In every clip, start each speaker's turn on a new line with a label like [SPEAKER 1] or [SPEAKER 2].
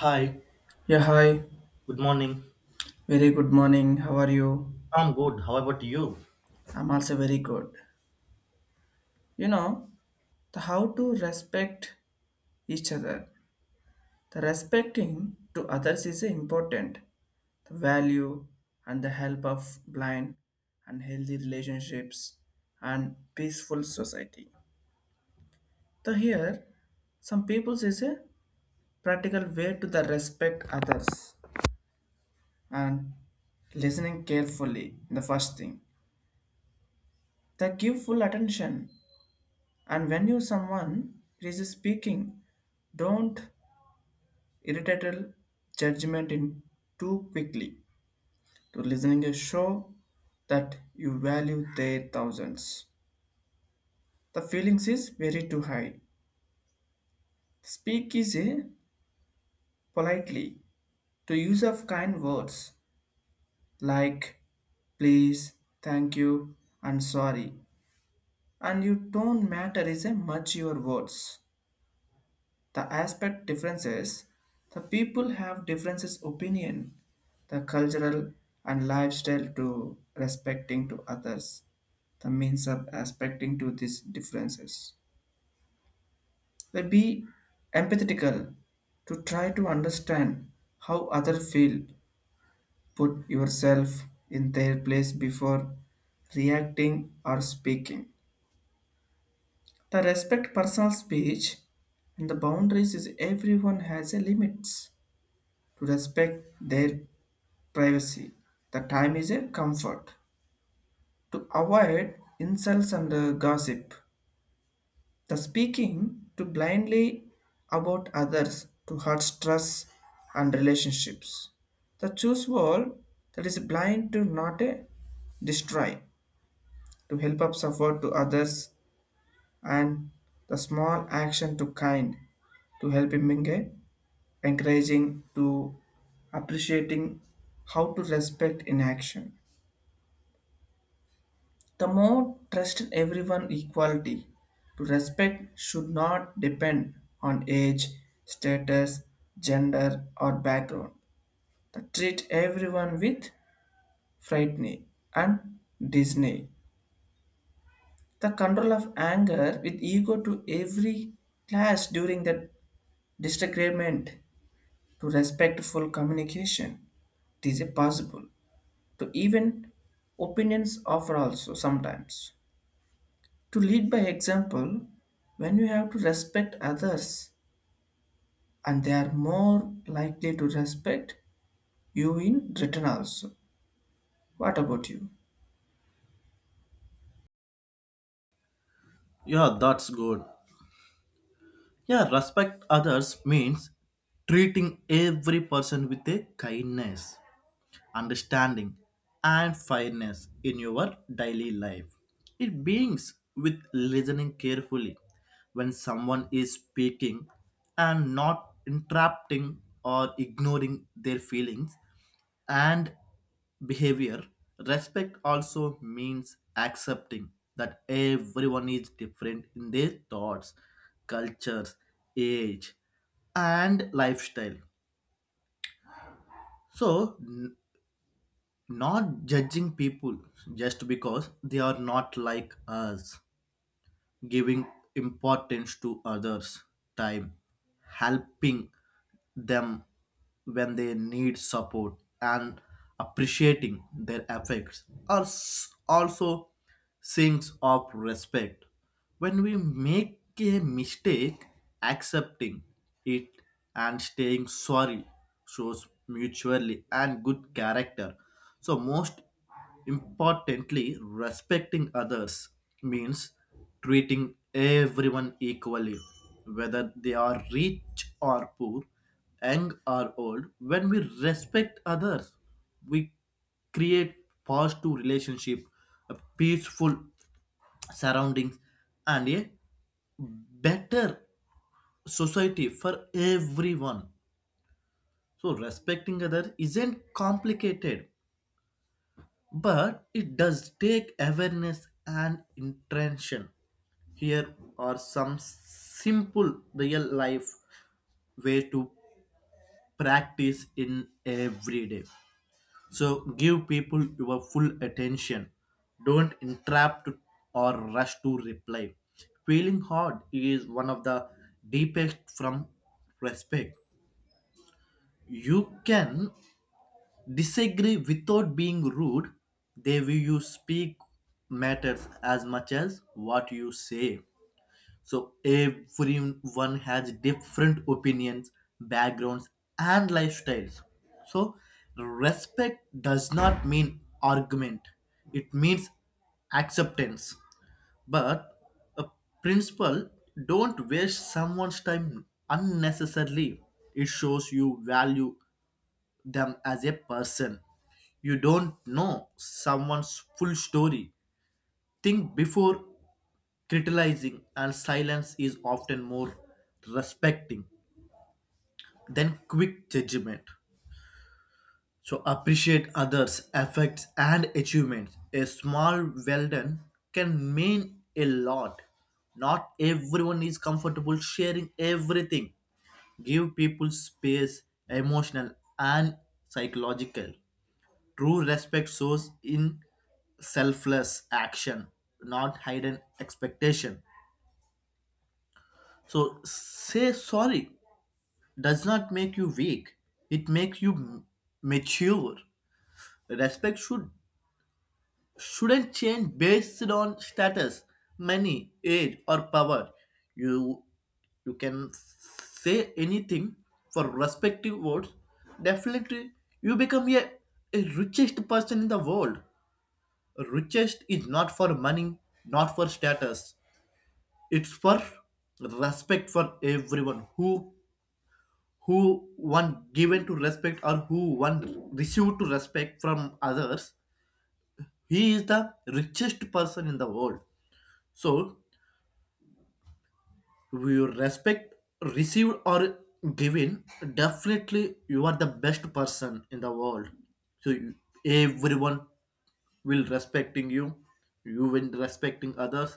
[SPEAKER 1] Hi,
[SPEAKER 2] Yeah, hi.
[SPEAKER 1] good morning.
[SPEAKER 2] Very good morning. How are you?
[SPEAKER 1] I'm good. How about you?
[SPEAKER 2] I'm also very good. You know, the how to respect each other. The respecting to others is important. The value and the help of blind and healthy relationships and peaceful society. The here, some people is a practical way to the respect others and listening carefully. The first thing, the give full attention. And when you someone is speaking, don't irritable judgment in too quickly. To listening a show that you value their thousands. The feelings is very too high. Speak is a politely to use of kind words like please, thank you, and sorry. And you don't matter is a much your words. The aspect differences, the people have differences opinion, the cultural and lifestyle to respecting to others, the means of aspecting to these differences. They be empathetical to try to understand how other feel, put yourself in their place before reacting or speaking. The respect personal speech and the boundaries is everyone has a limits to respect their privacy. The time is a comfort to avoid insults and gossip. The speaking to blindly about others to hurt stress and relationships. The choose wall that is blind to not a destroy to help up support to others and the small action to kind to help him being a encouraging to appreciating how to respect in action. The more trust everyone equality to respect should not depend on age, status, gender or background. The treat everyone with frightening and disney. The control of anger with ego to every class during the disagreement to respectful communication. It is a possible to even opinions offer also sometimes, to lead by example when you have to respect others and they are more likely to respect you in return also. What about you?
[SPEAKER 1] Yeah, that's good. Yeah, respect others means treating every person with a kindness, understanding, and fairness in your daily life. It begins with listening carefully when someone is speaking and not interrupting or ignoring their feelings and behavior. Respect also means accepting that everyone is different in their thoughts, cultures, age, and lifestyle. So, not judging people just because they are not like us, giving importance to others' time, helping them when they need support, and appreciating their efforts are also things of respect. When we make a mistake, accepting it and staying sorry shows mutually and good character. So, most importantly, respecting others means treating everyone equally, whether they are rich or poor, young or old. When we respect others, we create positive relationship, a peaceful surroundings, and a better society for everyone. So respecting others isn't complicated, but it does take awareness and intention. Here are some simple real life way to practice in every day. So give people your full attention. Don't interrupt or rush to reply. Feeling hard is one of the deepest from respect. You can disagree without being rude, they will you speak matters as much as what you say. So everyone has different opinions, backgrounds, and lifestyles. So respect does not mean argument. It means acceptance. But a principle, don't waste someone's time unnecessarily. It shows you value them as a person. You don't know someone's full story. Think before criticizing, and silence is often more respecting than quick judgment. So appreciate others' efforts and achievements. A small well done can mean a lot. Not everyone is comfortable sharing everything. Give people space, emotional and psychological. True respect shows in selfless action, not hidden expectation. So say sorry does not make you weak. It makes you mature. Respect shouldn't change based on status, money, age, or power. You you can say anything for respective words. Definitely, you become a richest person in the world. Richest is not for money, not for status. It's for respect for everyone. Who one given to respect or who one received to respect from others, he is the richest person in the world. So we respect received or given, definitely you are the best person in the world. So you- Everyone will respecting you, you will respecting others,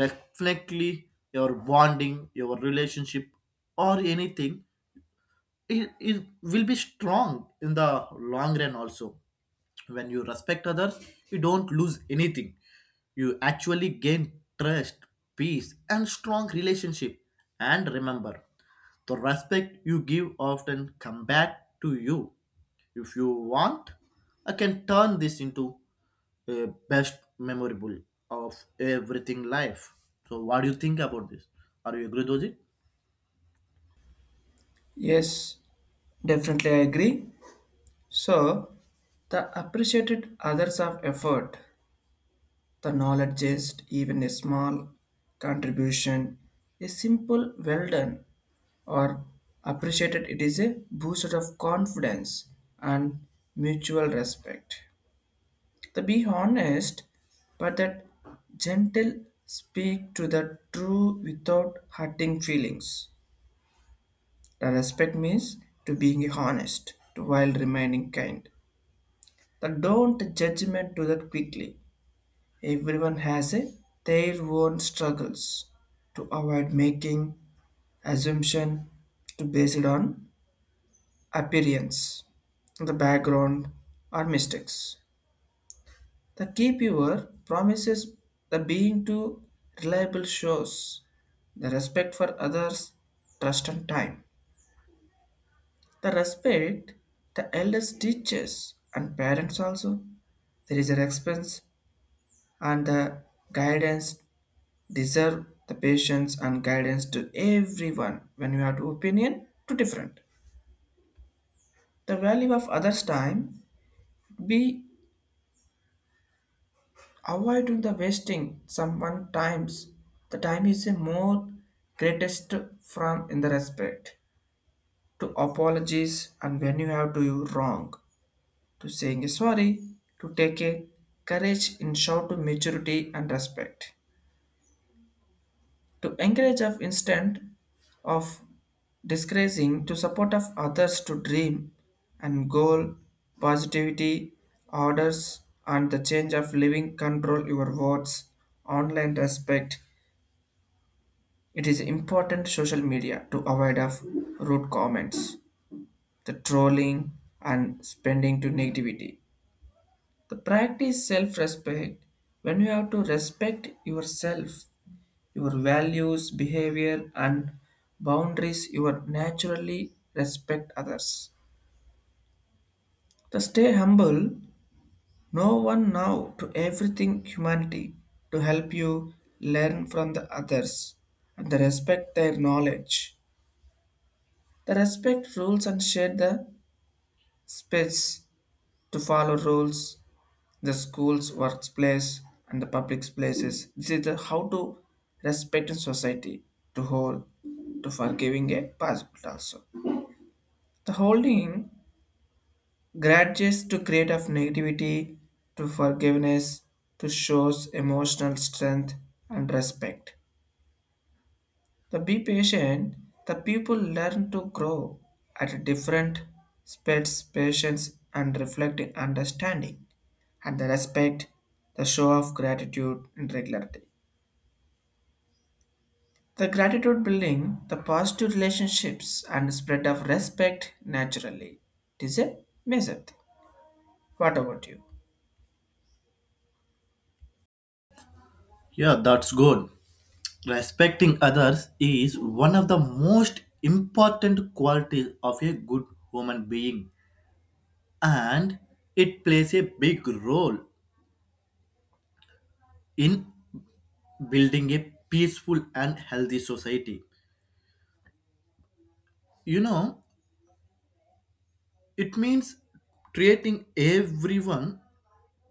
[SPEAKER 1] definitely your bonding, your relationship or anything, it will be strong in the long run also. When you respect others you don't lose anything, you actually gain trust, peace and strong relationship. And remember, the respect you give often come back to you. If you want, I can turn this into a best memorable of everything life. So what do you think about this? Are you agree with it?
[SPEAKER 2] Yes, definitely I agree. So the appreciated others of effort, the knowledge just even a small contribution, a simple well done or appreciated, it is a booster of confidence and mutual respect. To be honest, but that gentle speak to the true without hurting feelings. The respect means to being honest to while remaining kind. The don't judgment to that quickly. Everyone has a, their own struggles to avoid making assumption to base it on appearance, the background or mistakes. The keeper promises the being to reliable shows the respect for others, trust and time. The respect the elders teachers and parents also. There is a expense and the guidance deserve the patience and guidance to everyone when you have to opinion to different. The value of others' time be. Avoid the wasting someone times. The time is a more greatest from in the respect to apologies and when you have to you wrong to saying a sorry to take a courage in shout to maturity and respect to encourage of instant of disgracing to support of others to dream and goal positivity orders and the change of living control your words online respect. It is important social media to avoid of rude comments, the trolling and spending to negativity. The practice self-respect when you have to respect yourself, your values, behavior and boundaries you are naturally respect others. To stay humble, no one now to everything humanity to help you learn from the others and the respect their knowledge. The respect rules and share the Spits to follow rules, the schools, workplace, and the public places. This is the how to respect in society, to hold, to forgiving a possible also. The holding grudges to create of negativity, to forgiveness, to shows emotional strength and respect. The be patient, the people learn to grow at different speeds, patience and reflecting understanding, and the respect, the show of gratitude and regularity. The gratitude building, the positive relationships and spread of respect naturally. It is a major thing. What about you?
[SPEAKER 1] Yeah, that's good. Respecting others is one of the most important qualities of a good human being, and it plays a big role in building a peaceful and healthy society. You know, it means treating everyone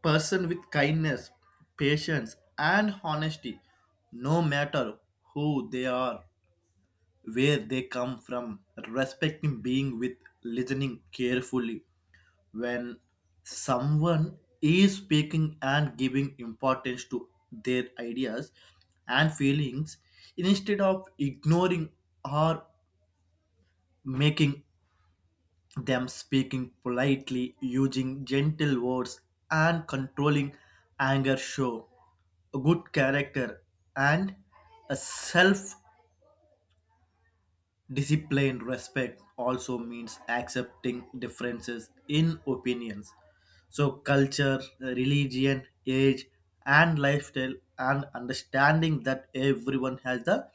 [SPEAKER 1] person with kindness, patience, and honesty, no matter who they are, where they come from. Respecting being with listening carefully when someone is speaking and giving importance to their ideas and feelings instead of ignoring or making them speaking politely, using gentle words, and controlling anger show a good character and a self disciplined respect also means accepting differences in opinions. So, culture, religion, age, and lifestyle, and understanding that everyone has the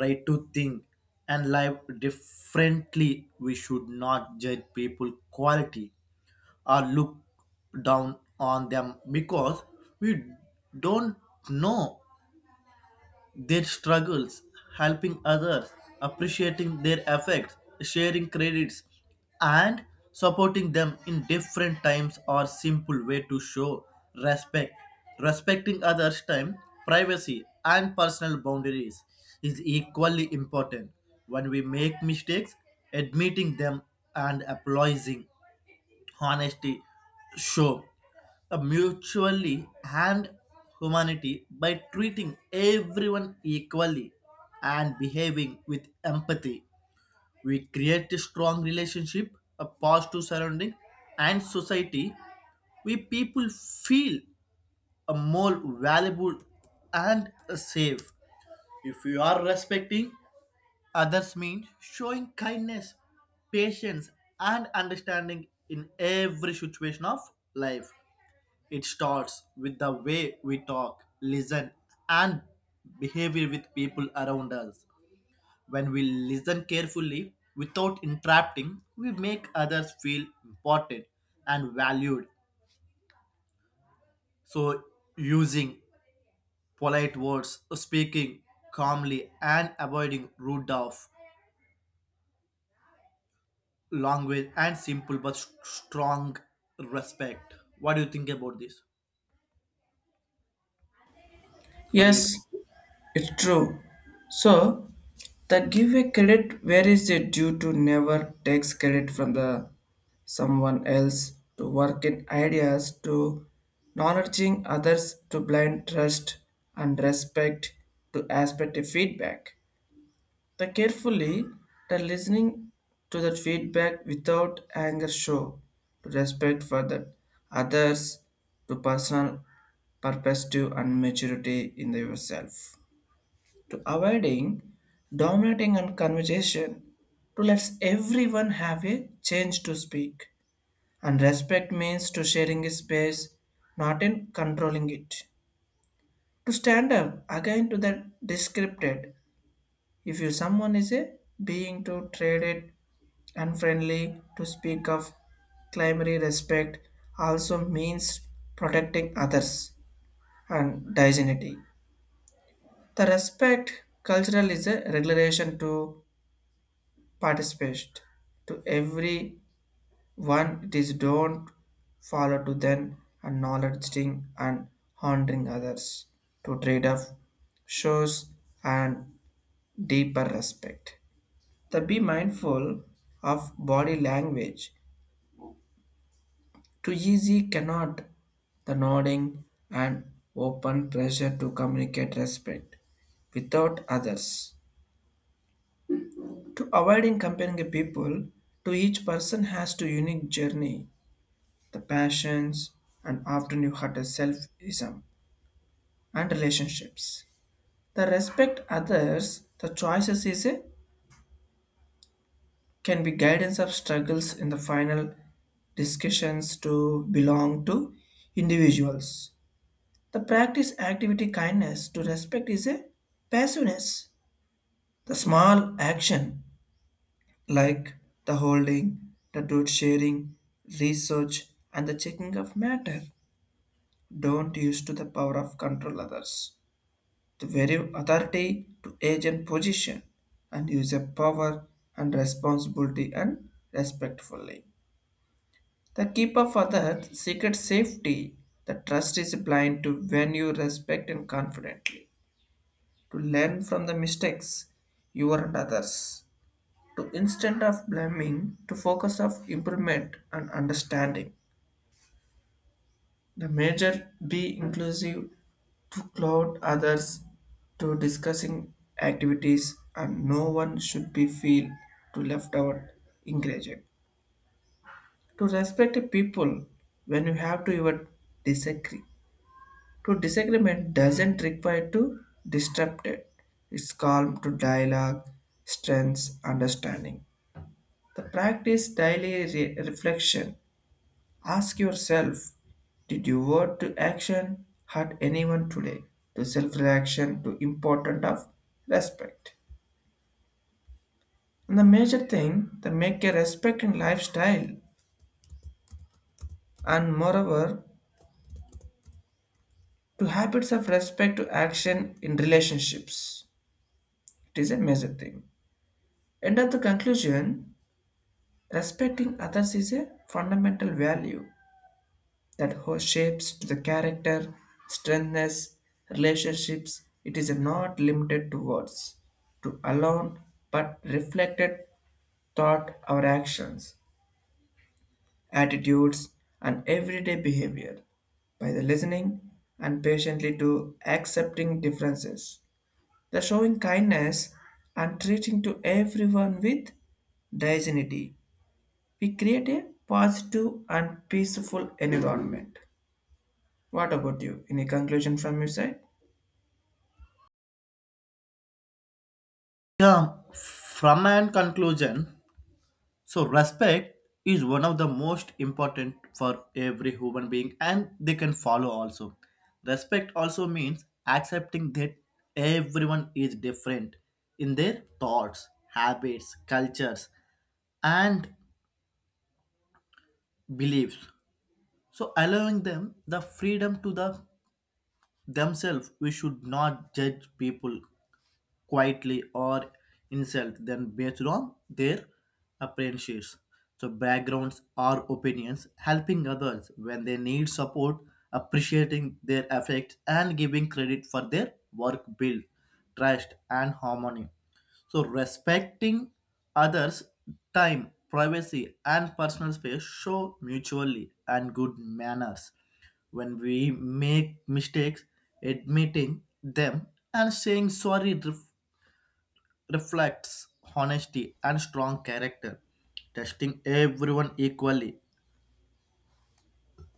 [SPEAKER 1] right to think and live differently. We should not judge people quality or look down on them because we don't know their struggles. Helping others, appreciating their efforts, sharing credits, and supporting them in different times are simple way to show respect. Respecting others' time, privacy, and personal boundaries is equally important. When we make mistakes, admitting them and apologizing honesty show a mutually and humanity by treating everyone equally and behaving with empathy. We create a strong relationship, a positive surrounding, and society. We people feel a more valuable and safe. If you are respecting others mean showing kindness, patience, and understanding in every situation of life. It starts with the way we talk, listen, and behavior with people around us. When we listen carefully without interrupting, we make others feel important and valued. So, using polite words, speaking calmly, and avoiding rude off language and simple but strong respect. What do you think about this? Are you
[SPEAKER 2] Yes, it's true. So the giveaway credit where is it due to never takes credit from the someone else to work in ideas to acknowledging others to blind trust and respect to aspect of feedback. The carefully the listening to that feedback without anger show to respect for the others to personal perspective and maturity in yourself to avoiding dominating and conversation to let everyone have a chance to speak and respect means to sharing a space not in controlling it to stand up again to the descripted if you someone is a being to traded unfriendly to speak of climary respect also means protecting others and dignity. The respect cultural is a regulation to participate to every one it is don't follow to then acknowledging and honoring others to trade off shows and deeper respect the be mindful of body language too easy cannot the nodding and open pressure to communicate respect without others to avoiding comparing people to each person has to unique journey the passions, and often you hurt the selfism and relationships. The respect others, the choices is a can be guidance of struggles in the final discussions to belong to individuals. The practice activity kindness to respect is a passiveness. The small action like the holding, the truth sharing, research, and the checking of matter don't use to the power of control others. To value authority to agent position and use a power and responsibility and respectfully. The keeper for the secret safety, the trust is blind to when you respect and confidently, to learn from the mistakes you and others, to instead of blaming, to focus of improvement and understanding. The major be inclusive to cloud others to discussing activities and no one should be feel to left out engaged. To respect the people when you have to your disagree. To disagreement doesn't require to disrupt it. It's calm to dialogue, strengths, understanding. The practice daily reflection. Ask yourself, did your word to action hurt anyone today? To self-reaction to important of respect. And the major thing that make a respect in lifestyle and moreover to habits of respect to action in relationships. It is a major thing. End of the conclusion, respecting others is a fundamental value that shapes the character, strengthens relationships. It is not limited to words, to alone, but reflected thought, our actions, attitudes, and everyday behavior. By the listening and patiently to accepting differences, the showing kindness and treating to everyone with dignity, we create a positive and peaceful environment. What about you? Any conclusion from your side?
[SPEAKER 1] yeah? From an conclusion, so respect is one of the most important for every human being, and they can follow also. Respect also means accepting that everyone is different in their thoughts, habits, cultures, and beliefs. So allowing them the freedom to the themselves, we should not judge people quietly or insult them based on their appearances. So backgrounds or opinions, helping others when they need support, appreciating their effects and giving credit for their work build trust and harmony. So respecting others' time, privacy and personal space show mutually and good manners. When we make mistakes, admitting them and saying sorry reflects honesty and strong character, testing everyone equally.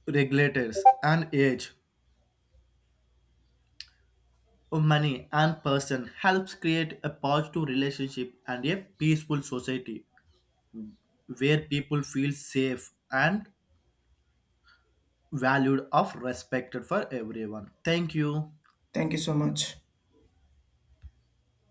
[SPEAKER 1] Regulators and age, money and person helps create a positive relationship and a peaceful society where people feel safe and valued of respected for everyone. Thank you.
[SPEAKER 2] Thank you so much.